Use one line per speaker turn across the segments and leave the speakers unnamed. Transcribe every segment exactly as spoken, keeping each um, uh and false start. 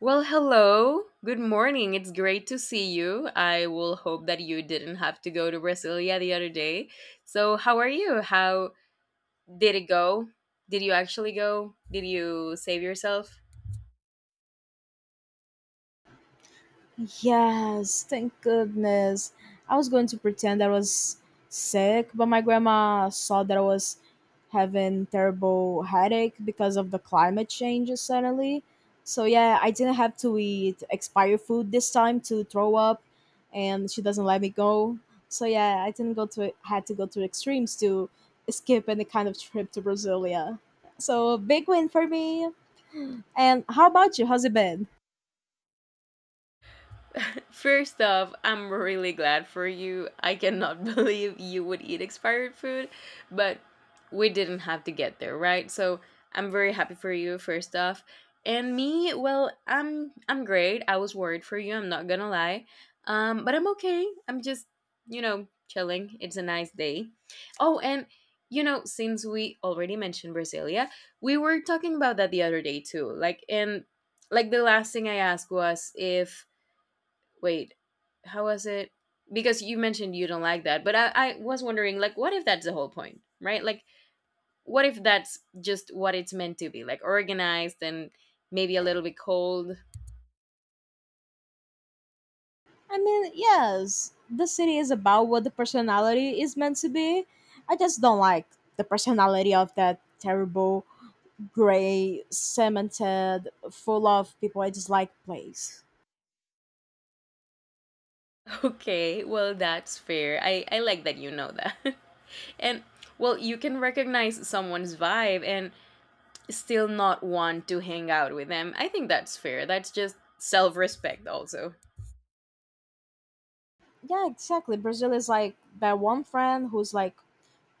Well, hello. Good morning. It's great to see you. I will hope that you didn't have to go to Brasilia the other day. So, how are you? How did it go? Did you actually go? Did you save yourself?
Yes, thank goodness. I was going to pretend I was sick, but my grandma saw that I was having terrible headache because of the climate changes suddenly. So yeah, I didn't have to eat expired food this time to throw up and she doesn't let me go. So yeah, I didn't go to had to go to extremes to skip any kind of trip to Brasilia. So big win for me. And how about you? How's it been?
First off, I'm really glad for you. I cannot believe you would eat expired food, but we didn't have to get there, right? So I'm very happy for you, first off. And me, well, I'm I'm great. I was worried for you, I'm not gonna lie. Um, but I'm okay. I'm just, you know, chilling. It's a nice day. Oh, and you know, since we already mentioned Brasilia, we were talking about that the other day too. Like and like the last thing I asked was if. Wait, how was it? Because you mentioned you don't like that, but I, I was wondering, like, what if that's the whole point, right? Like, what if that's just what it's meant to be, like organized and maybe a little bit cold?
I mean, yes, the city is about what the personality is meant to be. I just don't like the personality of that terrible, gray, cemented, full of people I dislike place.
Okay, well, that's fair. I, I like that you know that. And, well, you can recognize someone's vibe and still not want to hang out with them. I think that's fair. That's just self respect, also.
Yeah, exactly. Brazil is like that one friend who's like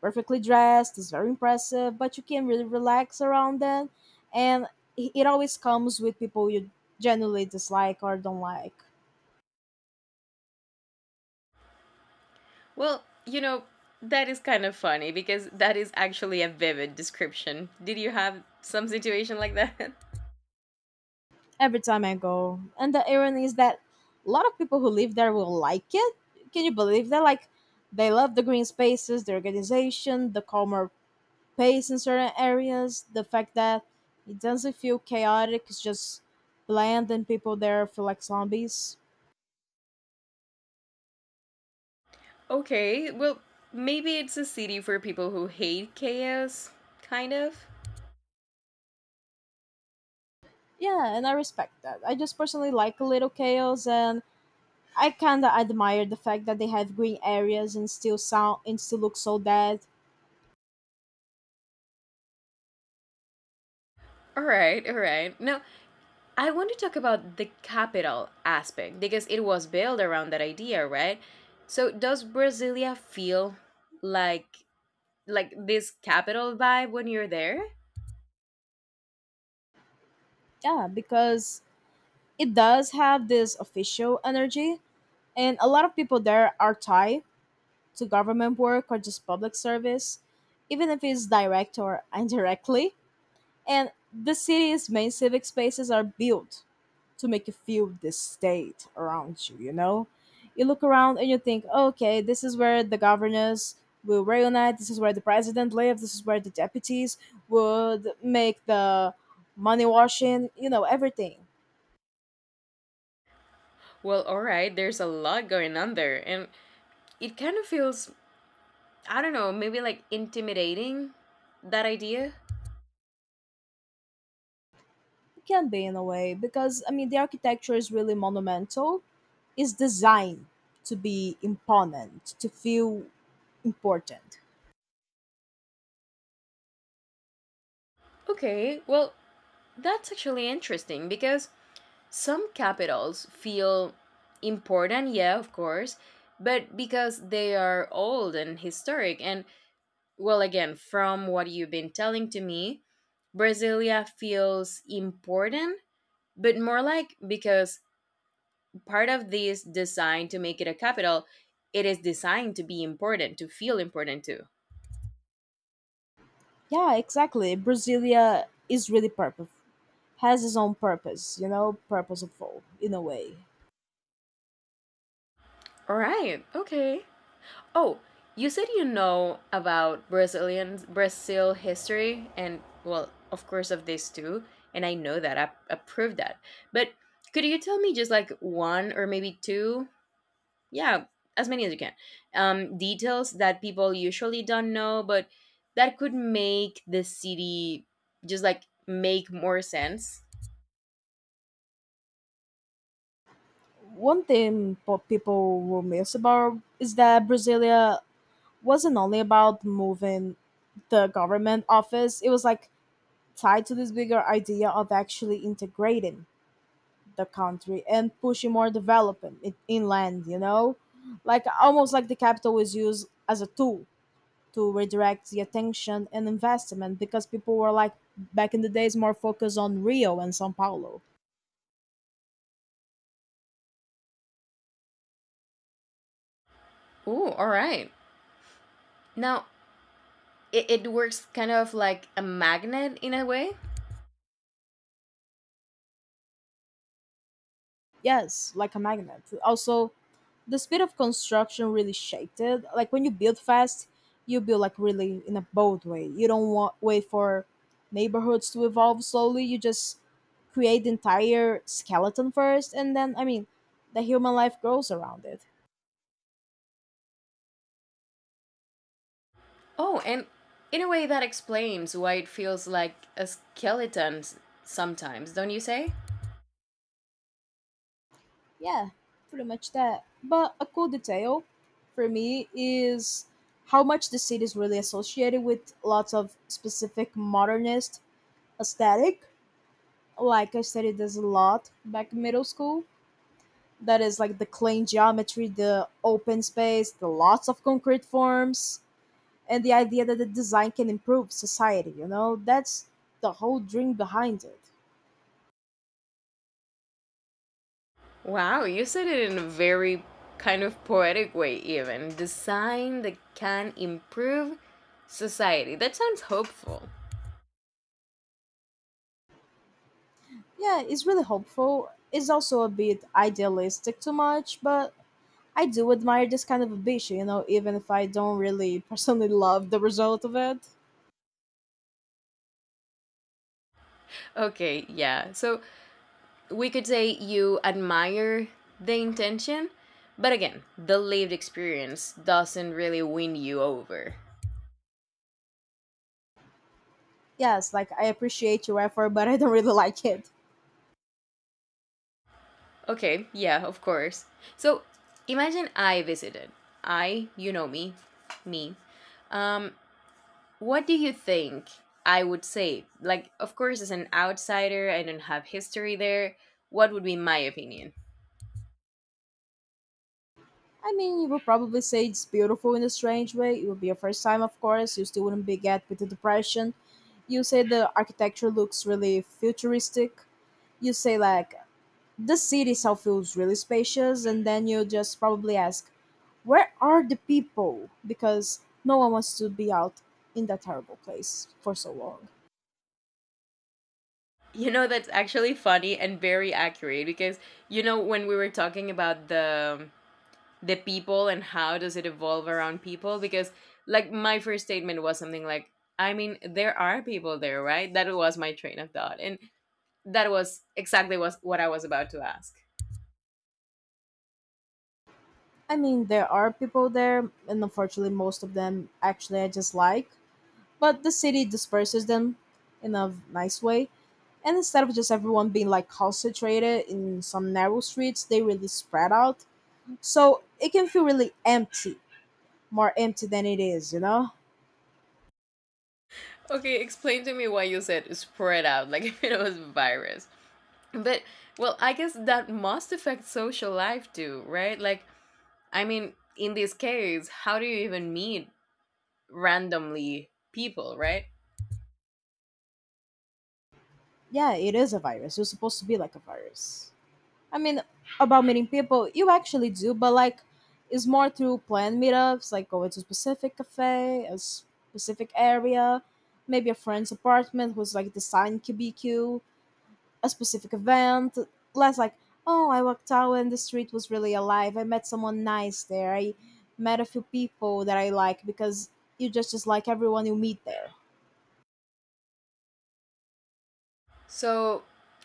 perfectly dressed, is very impressive, but you can really relax around them. And it it always comes with people you genuinely dislike or don't like.
Well, you know, that is kind of funny because that is actually a vivid description. Did you have some situation like that?
Every time I go. And the irony is that a lot of people who live there will like it. Can you believe that? Like, they love the green spaces, the organization, the calmer pace in certain areas, the fact that it doesn't feel chaotic, it's just bland and people there feel like zombies.
Okay, well, maybe it's a city for people who hate chaos, kind of.
Yeah, and I respect that. I just personally like a little chaos and I kinda admire the fact that they have green areas and still sound and still look so dead.
All right, all right. Now, I want to talk about the capital aspect because it was built around that idea, right? So, does Brasilia feel like like this capital vibe when you're there?
Yeah, because it does have this official energy, and a lot of people there are tied to government work or just public service, even if it's direct or indirectly. And the city's main civic spaces are built to make you feel this state around you you know, you look around and you think, okay, this is where the governors will reunite, this is where the president lives, this is where the deputies would make the money washing, you know everything.
Well, all right, there's a lot going on there and it kind of feels I don't know, maybe like intimidating that idea?
It can be in a way because I mean the architecture is really monumental, it's designed to be imponent, to feel important.
Okay, well, that's actually interesting because some capitals feel important, yeah, of course, but because they are old and historic. And, well, again, from what you've been telling to me, Brasilia feels important, but more like because part of this design to make it a capital, it is designed to be important, to feel important too.
Yeah, exactly, Brasilia is really purpose, has its own purpose, you know, purposeful in a way.
All right, okay. Oh, you said you know about Brazilian Brazil history and well, of course of this too, and I know that I approve that. But could you tell me just like one or maybe two? Yeah, as many as you can. Um details that people usually don't know, but that could make the city just like make more sense.
One thing po- people will miss about is that Brasilia wasn't only about moving the government office, it was like tied to this bigger idea of actually integrating the country and pushing more development in, inland, you know, like almost like the capital was used as a tool to redirect the attention and investment because people were like back in the days more focused on Rio and Sao Paulo.
Ooh, all right. Now it, it works kind of like a magnet in a way.
Yes, like a magnet. Also, the speed of construction really shaped it. Like when you build fast, you build like really in a bold way. You don't want wait for neighborhoods to evolve slowly. You just create the entire skeleton first, and then I mean, the human life grows around it.
Oh, and in a way that explains why it feels like a skeleton s- sometimes, don't you say?
Yeah, pretty much that. But a cool detail for me is how much the city is really associated with lots of specific modernist aesthetic. Like I studied this a lot back in middle school. That is like the clean geometry, the open space, the lots of concrete forms, and the idea that the design can improve society, you know? That's the whole dream behind it.
Wow, you said it in a very kind of poetic way, even. Design that can improve society. That sounds hopeful.
Yeah, it's really hopeful. It's also a bit idealistic too much, but I do admire this kind of ambition, you know, even if I don't really personally love the result of it.
Okay, yeah. So we could say you admire the intention, but again, the lived experience doesn't really win you over.
Yes, like I appreciate your effort, but I don't really like it.
Okay, yeah, of course. So imagine I visited. I, you know me, me. Um, what do you think I would say? Like, of course, as an outsider, I don't have history there. What would be my opinion?
I mean, you would probably say it's beautiful in a strange way. It would be your first time, of course. You still wouldn't be get with the depression. You say the architecture looks really futuristic. You say like the city itself feels really spacious, and then you just probably ask, "Where are the people?" Because no one wants to be out in that terrible place for so long.
You know, that's actually funny and very accurate because, you know, when we were talking about the the people and how does it evolve around people because like my first statement was something like I mean there are people there right that was my train of thought. And that was exactly was what I was about to ask.
I mean, there are people there, and unfortunately, most of them actually I just like. But the city disperses them in a nice way. And instead of just everyone being like concentrated in some narrow streets, they really spread out. So it can feel really empty, more empty than it is, you know?
Okay, explain to me why you said spread out, like if it was a virus. But, well, I guess that must affect social life too, right? Like, I mean, in this case, how do you even meet randomly people, right?
Yeah, it is a virus. You're supposed to be like a virus. I mean, about meeting people, you actually do, but like it's more through planned meetups, like going to a specific cafe, a specific area, maybe a friend's apartment who's like designed Q B Q, a specific event, less like, oh, I walked out and the street was really alive. I met someone nice there. I met a few people that I like because you just just like everyone you meet there.
So,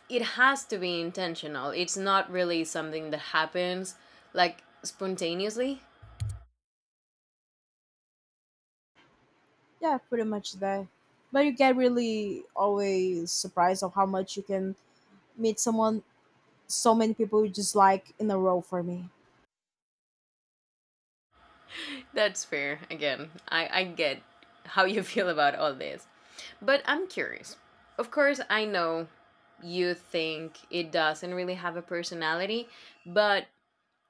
it has to be intentional. It's not really something that happens like spontaneously.
Yeah, pretty much that. But you get really always surprised of how much you can meet someone, so many people you just like in a row for me.
That's fair. Again, I, I get how you feel about all this. But I'm curious. Of course, I know you think it doesn't really have a personality, but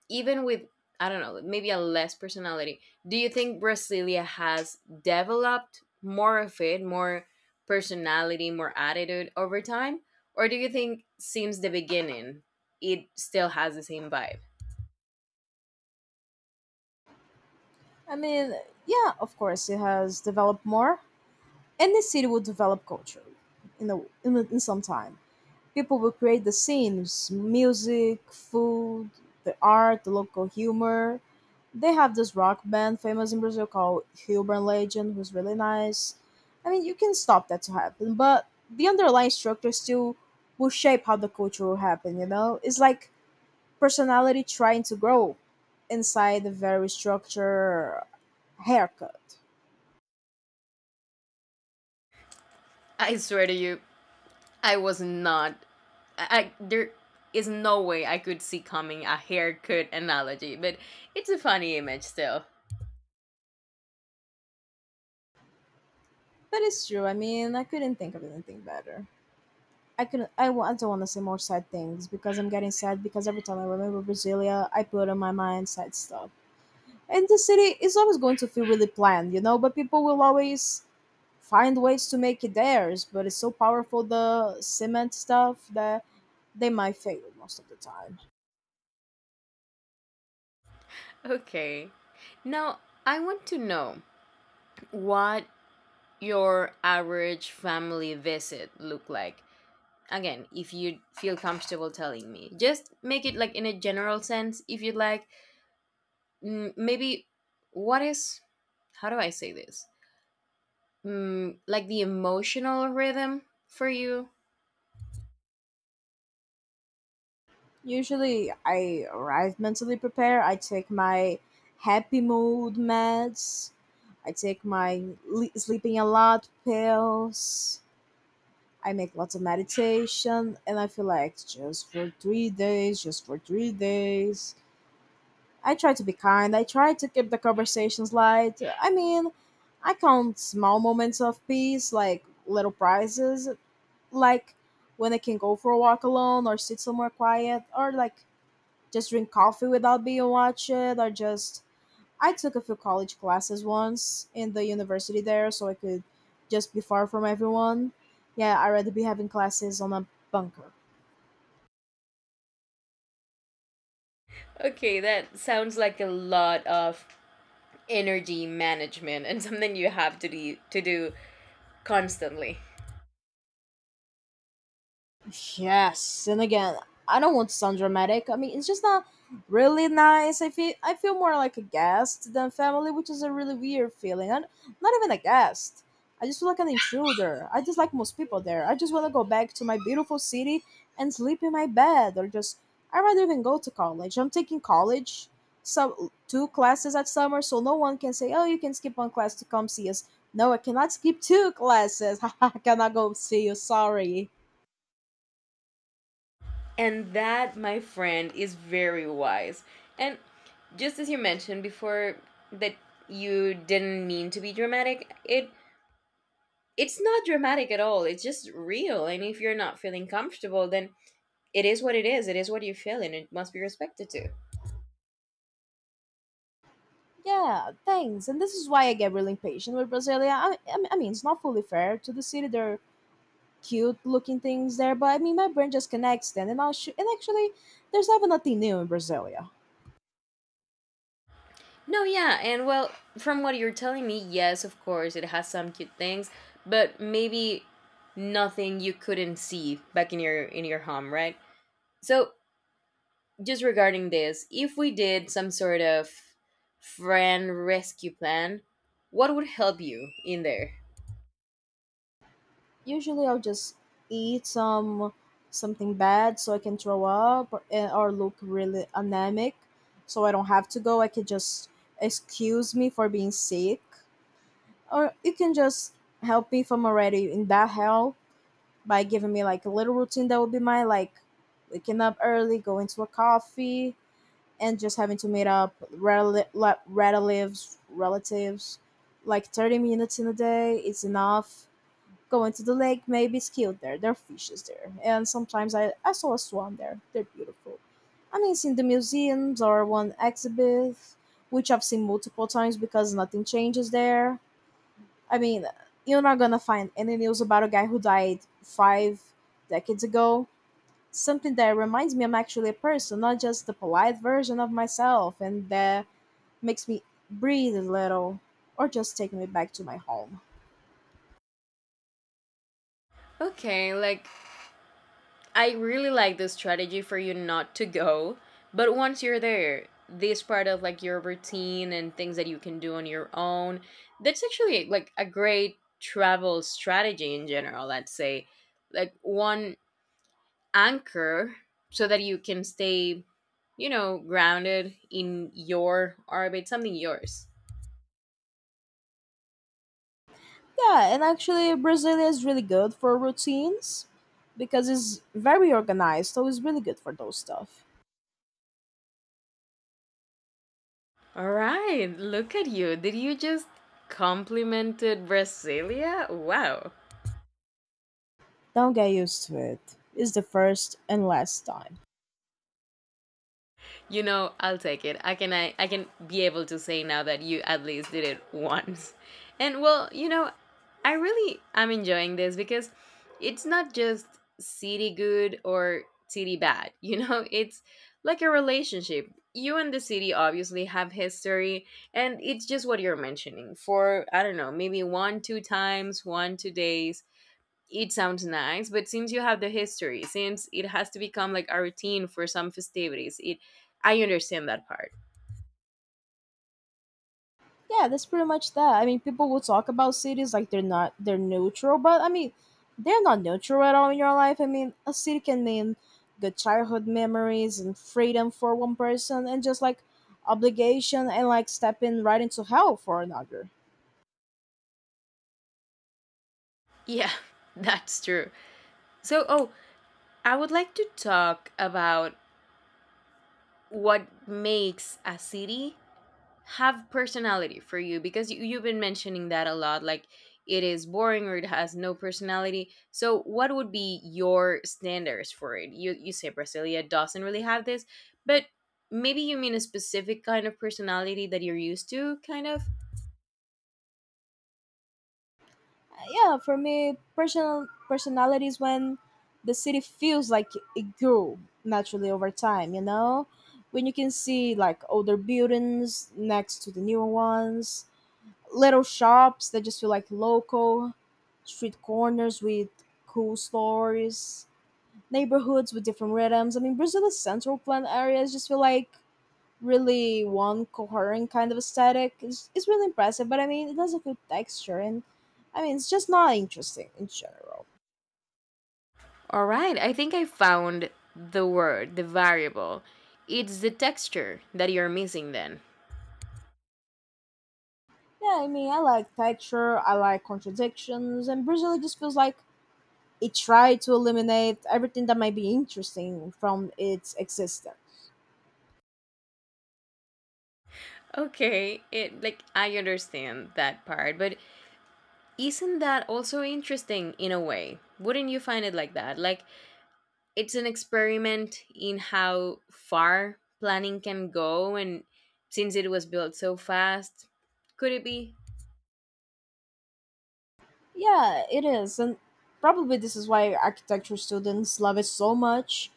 even with, I don't know, maybe a less personality, do you think Brasilia has developed more of it, more personality, more attitude over time? Or do you think since the beginning, it still has the same vibe?
I mean, yeah, of course, it has developed more, and the city will develop culture in the in, in some time. People will create the scenes, music, food, the art, the local humor. They have this rock band famous in Brazil called Urban Legend, who's really nice. I mean, you can stop that to happen, but the underlying structure still will shape how the culture will happen. You know, it's like personality trying to grow inside the very structure haircut.
I swear to you, I was not. I, I- there is no way I could see coming a haircut analogy, but it's a funny image still.
But it's true. I mean, I couldn't think of anything better. I can I want I don't want to say more sad things because I'm getting sad because every time I remember Brasilia, I put on my mind sad stuff. And the city is always going to feel really planned, you know, but people will always find ways to make it theirs. But it's so powerful the cement stuff that they might fail most of the time.
Okay. Now I want to know what your average family visit look like. Again, if you feel comfortable telling me, just make it like in a general sense. If you'd like, mm, maybe what is how do I say this? Mm, like the emotional rhythm for you.
Usually I arrive mentally prepared. I take my happy mood meds. I take my le- sleeping a lot pills. I make lots of meditation and I feel like just for three days, just for three days. I try to be kind. I try to keep the conversations light. I mean, I count small moments of peace, like little prizes, like when I can go for a walk alone or sit somewhere quiet or like just drink coffee without being watched or just I took a few college classes once in the university there, so I could just be far from everyone. Yeah, I'd rather be having classes on a bunker.
Okay, that sounds like a lot of energy management and something you have to do, to do constantly.
Yes, and again, I don't want to sound dramatic. I mean, it's just not really nice. I feel I feel more like a guest than family, which is a really weird feeling. I'm not even a guest. I just feel like an intruder. I dislike most people there. I just want to go back to my beautiful city and sleep in my bed, or just I rather even go to college. I'm taking college, so two classes at summer, so no one can say, "Oh, you can skip one class to come see us." No, I cannot skip two classes. I cannot go see you. Sorry.
And that, my friend, is very wise. And just as you mentioned before that you didn't mean to be dramatic, it it's not dramatic at all. It's just real. And if you're not feeling comfortable, then it is what it is. It is what you feel and it must be respected too.
Yeah, thanks. And this is why I get really impatient with Brasilia. I, I mean, I mean, it's not fully fair to the city. They're cute looking things there, but I mean, my brain just connects them. And, I'll sh- and actually, there's never nothing new in Brasilia.
No, yeah, and well, from what you're telling me, yes, of course, it has some cute things, but maybe nothing you couldn't see back in your in your home, right? So, just regarding this, if we did some sort of friend rescue plan, what would help you in there?
Usually, I'll just eat some something bad so I can throw up or, eh, or look really anemic, so I don't have to go. I can just excuse me for being sick, or you can just help me if I'm already in that hell. By giving me like a little routine that would be my like waking up early, going to a coffee, and just having to meet up rel- le- relatives, relatives. Like thirty minutes in a day is enough. Going to the lake, maybe it's cute there. There are fishes there. And sometimes I, I saw a swan there. They're beautiful. I mean, it's in the museums or one exhibit, which I've seen multiple times because nothing changes there. I mean, you're not gonna find any news about a guy who died five decades ago. Something that reminds me I'm actually a person, not just the polite version of myself, and that makes me breathe a little, or just take me back to my home.
Okay, like I really like this strategy for you not to go, but once you're there, this part of like your routine and things that you can do on your own, that's actually like a great travel strategy in general, let's say. Like one anchor so that you can stay, you know, grounded in your orbit, something yours.
Yeah, and actually, Brazil is really good for routines because it's very organized, so it's really good for those stuff.
All right, look at you. Did you just complimented Brasilia? Wow.
Don't get used to it. It's the first and last time.
You know, I'll take it. I can I, I can be able to say now that you at least did it once. And well, you know, I really am enjoying this because it's not just city good or city bad. You know, it's like a relationship. You and the city obviously have history, and it's just what you're mentioning for, I don't know, maybe one, two times, one, two days. It sounds nice, but since you have the history, since it has to become like a routine for some festivities, it I understand that part.
Yeah, that's pretty much that. I mean, people will talk about cities like they're not they're neutral, but I mean, they're not neutral at all in your life. I mean, a city can mean good childhood memories and freedom for one person, and just like obligation and like stepping right into hell for another.
Yeah, that's true. So, oh, I would like to talk about what makes a city have personality for you because you, you've been mentioning that a lot like it is boring or it has no personality. So what would be your standards for it? You you say Brasilia doesn't really have this. But maybe you mean a specific kind of personality that you're used to, kind of.
Yeah, for me, personal personality is when the city feels like it grew naturally over time. You know, when you can see like older buildings next to the newer ones, little shops that just feel like local, street corners with cool stories, neighborhoods with different rhythms. I mean, Brazil's central plan areas just feel like really one coherent kind of aesthetic. It's, it's really impressive, but I mean, it has a good texture, and I mean, it's just not interesting in general.
All right, I think I found the word, the variable. It's the texture that you're missing then.
Yeah, I mean, I like texture, I like contradictions, and Brazil just feels like it tried to eliminate everything that might be interesting from its existence.
Okay, it like I understand that part, but isn't that also interesting in a way? Wouldn't you find it like that? Like, it's an experiment in how far planning can go, and since it was built so fast, could it be?
Yeah, it is, and probably this is why architecture students love it so much.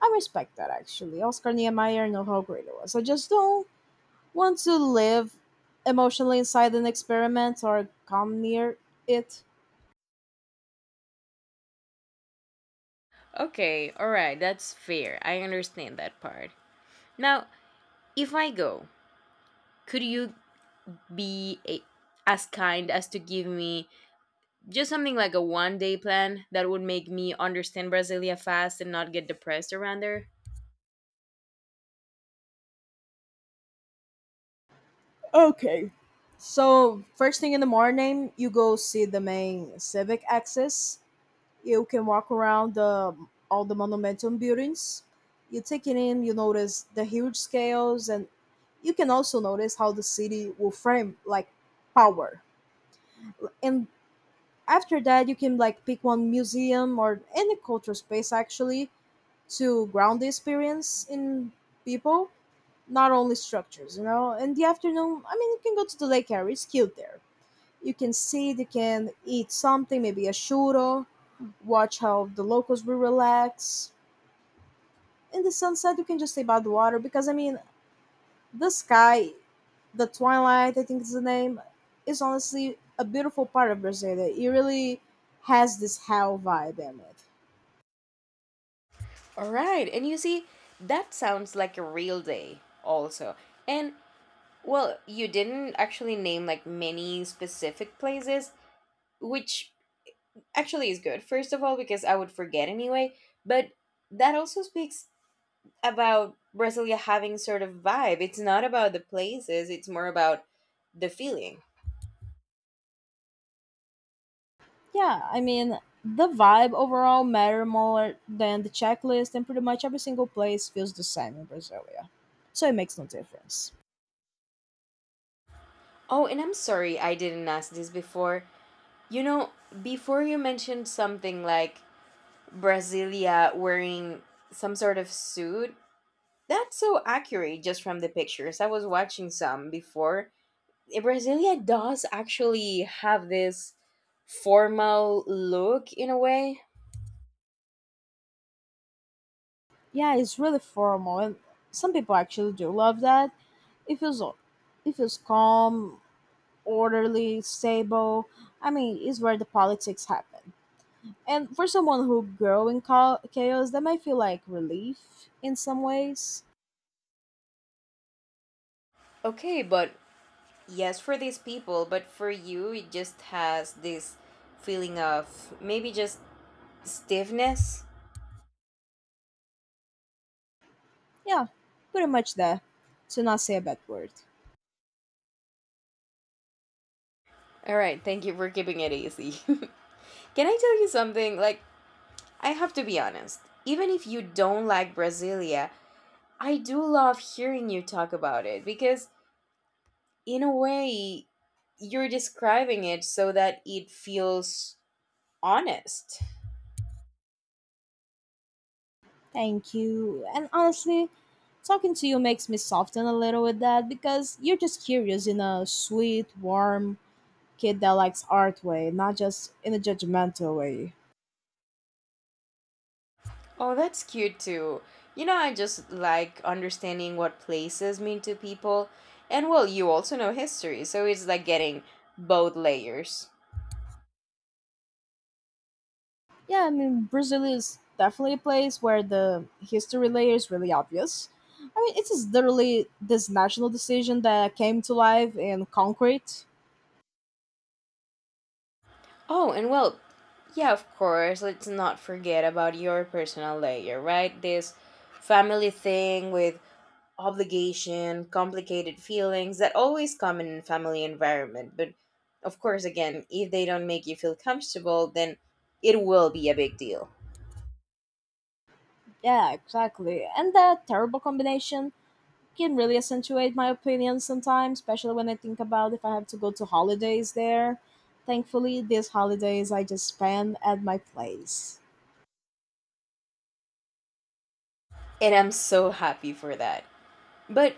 I respect that actually. Oscar Niemeyer know how great it was. I just don't want to live emotionally inside an experiment or come near it.
Okay, alright, that's fair. I understand that part. Now, if I go, could you be a, as kind as to give me just something like a one day plan that would make me understand Brasilia fast and not get depressed around there?
Okay. So first thing in the morning, you go see the main civic axis. You can walk around the all the monumental buildings. You take it in, you notice the huge scales, and you can also notice how the city will frame like power. And after that, you can like pick one museum or any cultural space actually to ground the experience in people, not only structures, you know. In the afternoon, I mean, you can go to the lake area, it's cute there. You can sit, you can eat something, maybe a churro, watch how the locals will relax. In the sunset, you can just stay by the water because I mean, the sky, the twilight, I think is the name, is honestly a beautiful part of Brazil. It really has this hell vibe in it.
All right. And you see, that sounds like a real day also. And well, you didn't actually name like many specific places, which actually is good. First of all, because I would forget anyway, but that also speaks about Brasilia having sort of vibe. It's not about the places, it's more about the feeling.
Yeah, I mean, the vibe overall matter more than the checklist, and pretty much every single place feels the same in Brasilia, so it makes no difference.
Oh, and I'm sorry I didn't ask this before. You know, before you mentioned something like Brasilia wearing some sort of suit. That's so accurate just from the pictures. I was watching some before. Eh, Brasilia does actually have this formal look in a way.
Yeah, it's really formal, and some people actually do love that. It feels, it feels calm, orderly, stable. I mean, it's where the politics happen, and for someone who grew in cha- chaos, that might feel like relief in some ways.
Okay, but yes, for these people, but for you, it just has this feeling of maybe just stiffness.
Yeah, pretty much that, to not say a bad word.
All right, thank you for keeping it easy. Can I tell you something? Like, I have to be honest. Even if you don't like Brasilia, I do love hearing you talk about it because, in a way, you're describing it so that it feels honest.
Thank you, and honestly, talking to you makes me soften a little with that because you're just curious in a sweet, warm, kid that likes art way, not just in a judgmental way.
Oh, that's cute too. You know, I just like understanding what places mean to people. And well, you also know history, so it's like getting both layers.
Yeah, I mean, Brazil is definitely a place where the history layer is really obvious. I mean, it is literally this national decision that came to life in concrete.
Oh, and well, yeah, of course, let's not forget about your personal layer, right? This family thing with obligation, complicated feelings that always come in family environment. But of course, again, if they don't make you feel comfortable, then it will be a big deal.
Yeah, exactly. And that terrible combination can really accentuate my opinion sometimes, especially when I think about if I have to go to holidays there. Thankfully, these holidays I just spend at my place.
And I'm so happy for that. But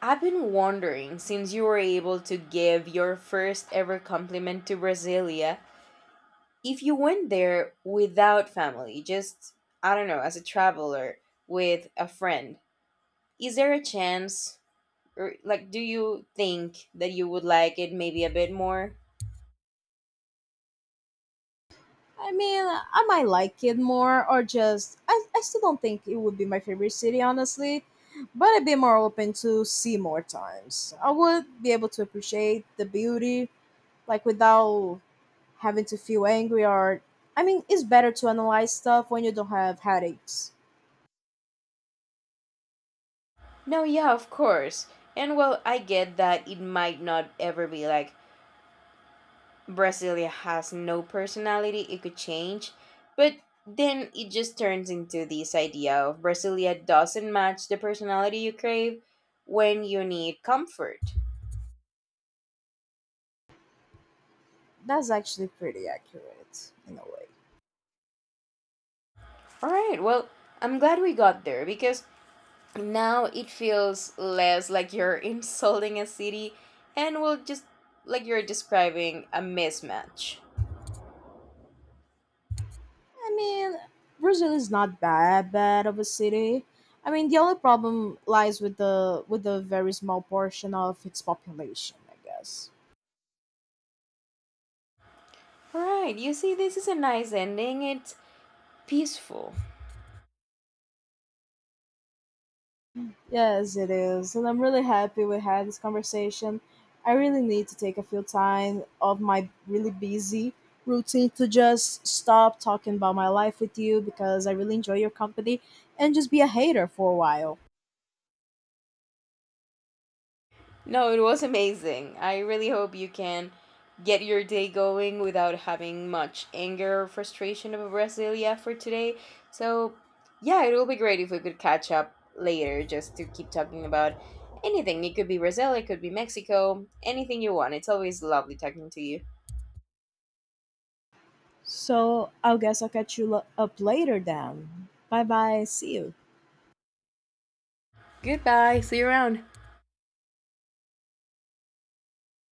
I've been wondering since you were able to give your first ever compliment to Brasilia, if you went there without family, just, I don't know, as a traveler with a friend, is there a chance or like do you think that you would like it maybe a bit more.
I mean, I might like it more, or just I, I still don't think it would be my favorite city, honestly. But I'd be more open to see more times. I would be able to appreciate the beauty, like without having to feel angry or. I mean, it's better to analyze stuff when you don't have headaches.
No, yeah, of course. And well, I get that it might not ever be like Brasilia has no personality, it could change. But then it just turns into this idea of Brasilia doesn't match the personality you crave when you need comfort.
That's actually pretty accurate in a way.
All right, well, I'm glad we got there because now it feels less like you're insulting a city, and will just like you're describing a mismatch.
I mean, Brazil is not bad bad of a city. I mean, the only problem lies with the with the very small portion of its population, I guess.
All right, you see, this is a nice ending. It's peaceful.
Yes, it is, and I'm really happy we had this conversation. I really need to take a few time of my really busy routine to just stop talking about my life with you because I really enjoy your company and just be a hater for a while.
No, it was amazing. I really hope you can get your day going without having much anger or frustration of Brasilia for today. So, yeah, it will be great if we could catch up later just to keep talking about anything. It could be Brazil, it could be Mexico, anything you want. It's always lovely talking to you.
So, I guess I'll catch you lo- up later then. Bye bye. See you.
Goodbye. See you around.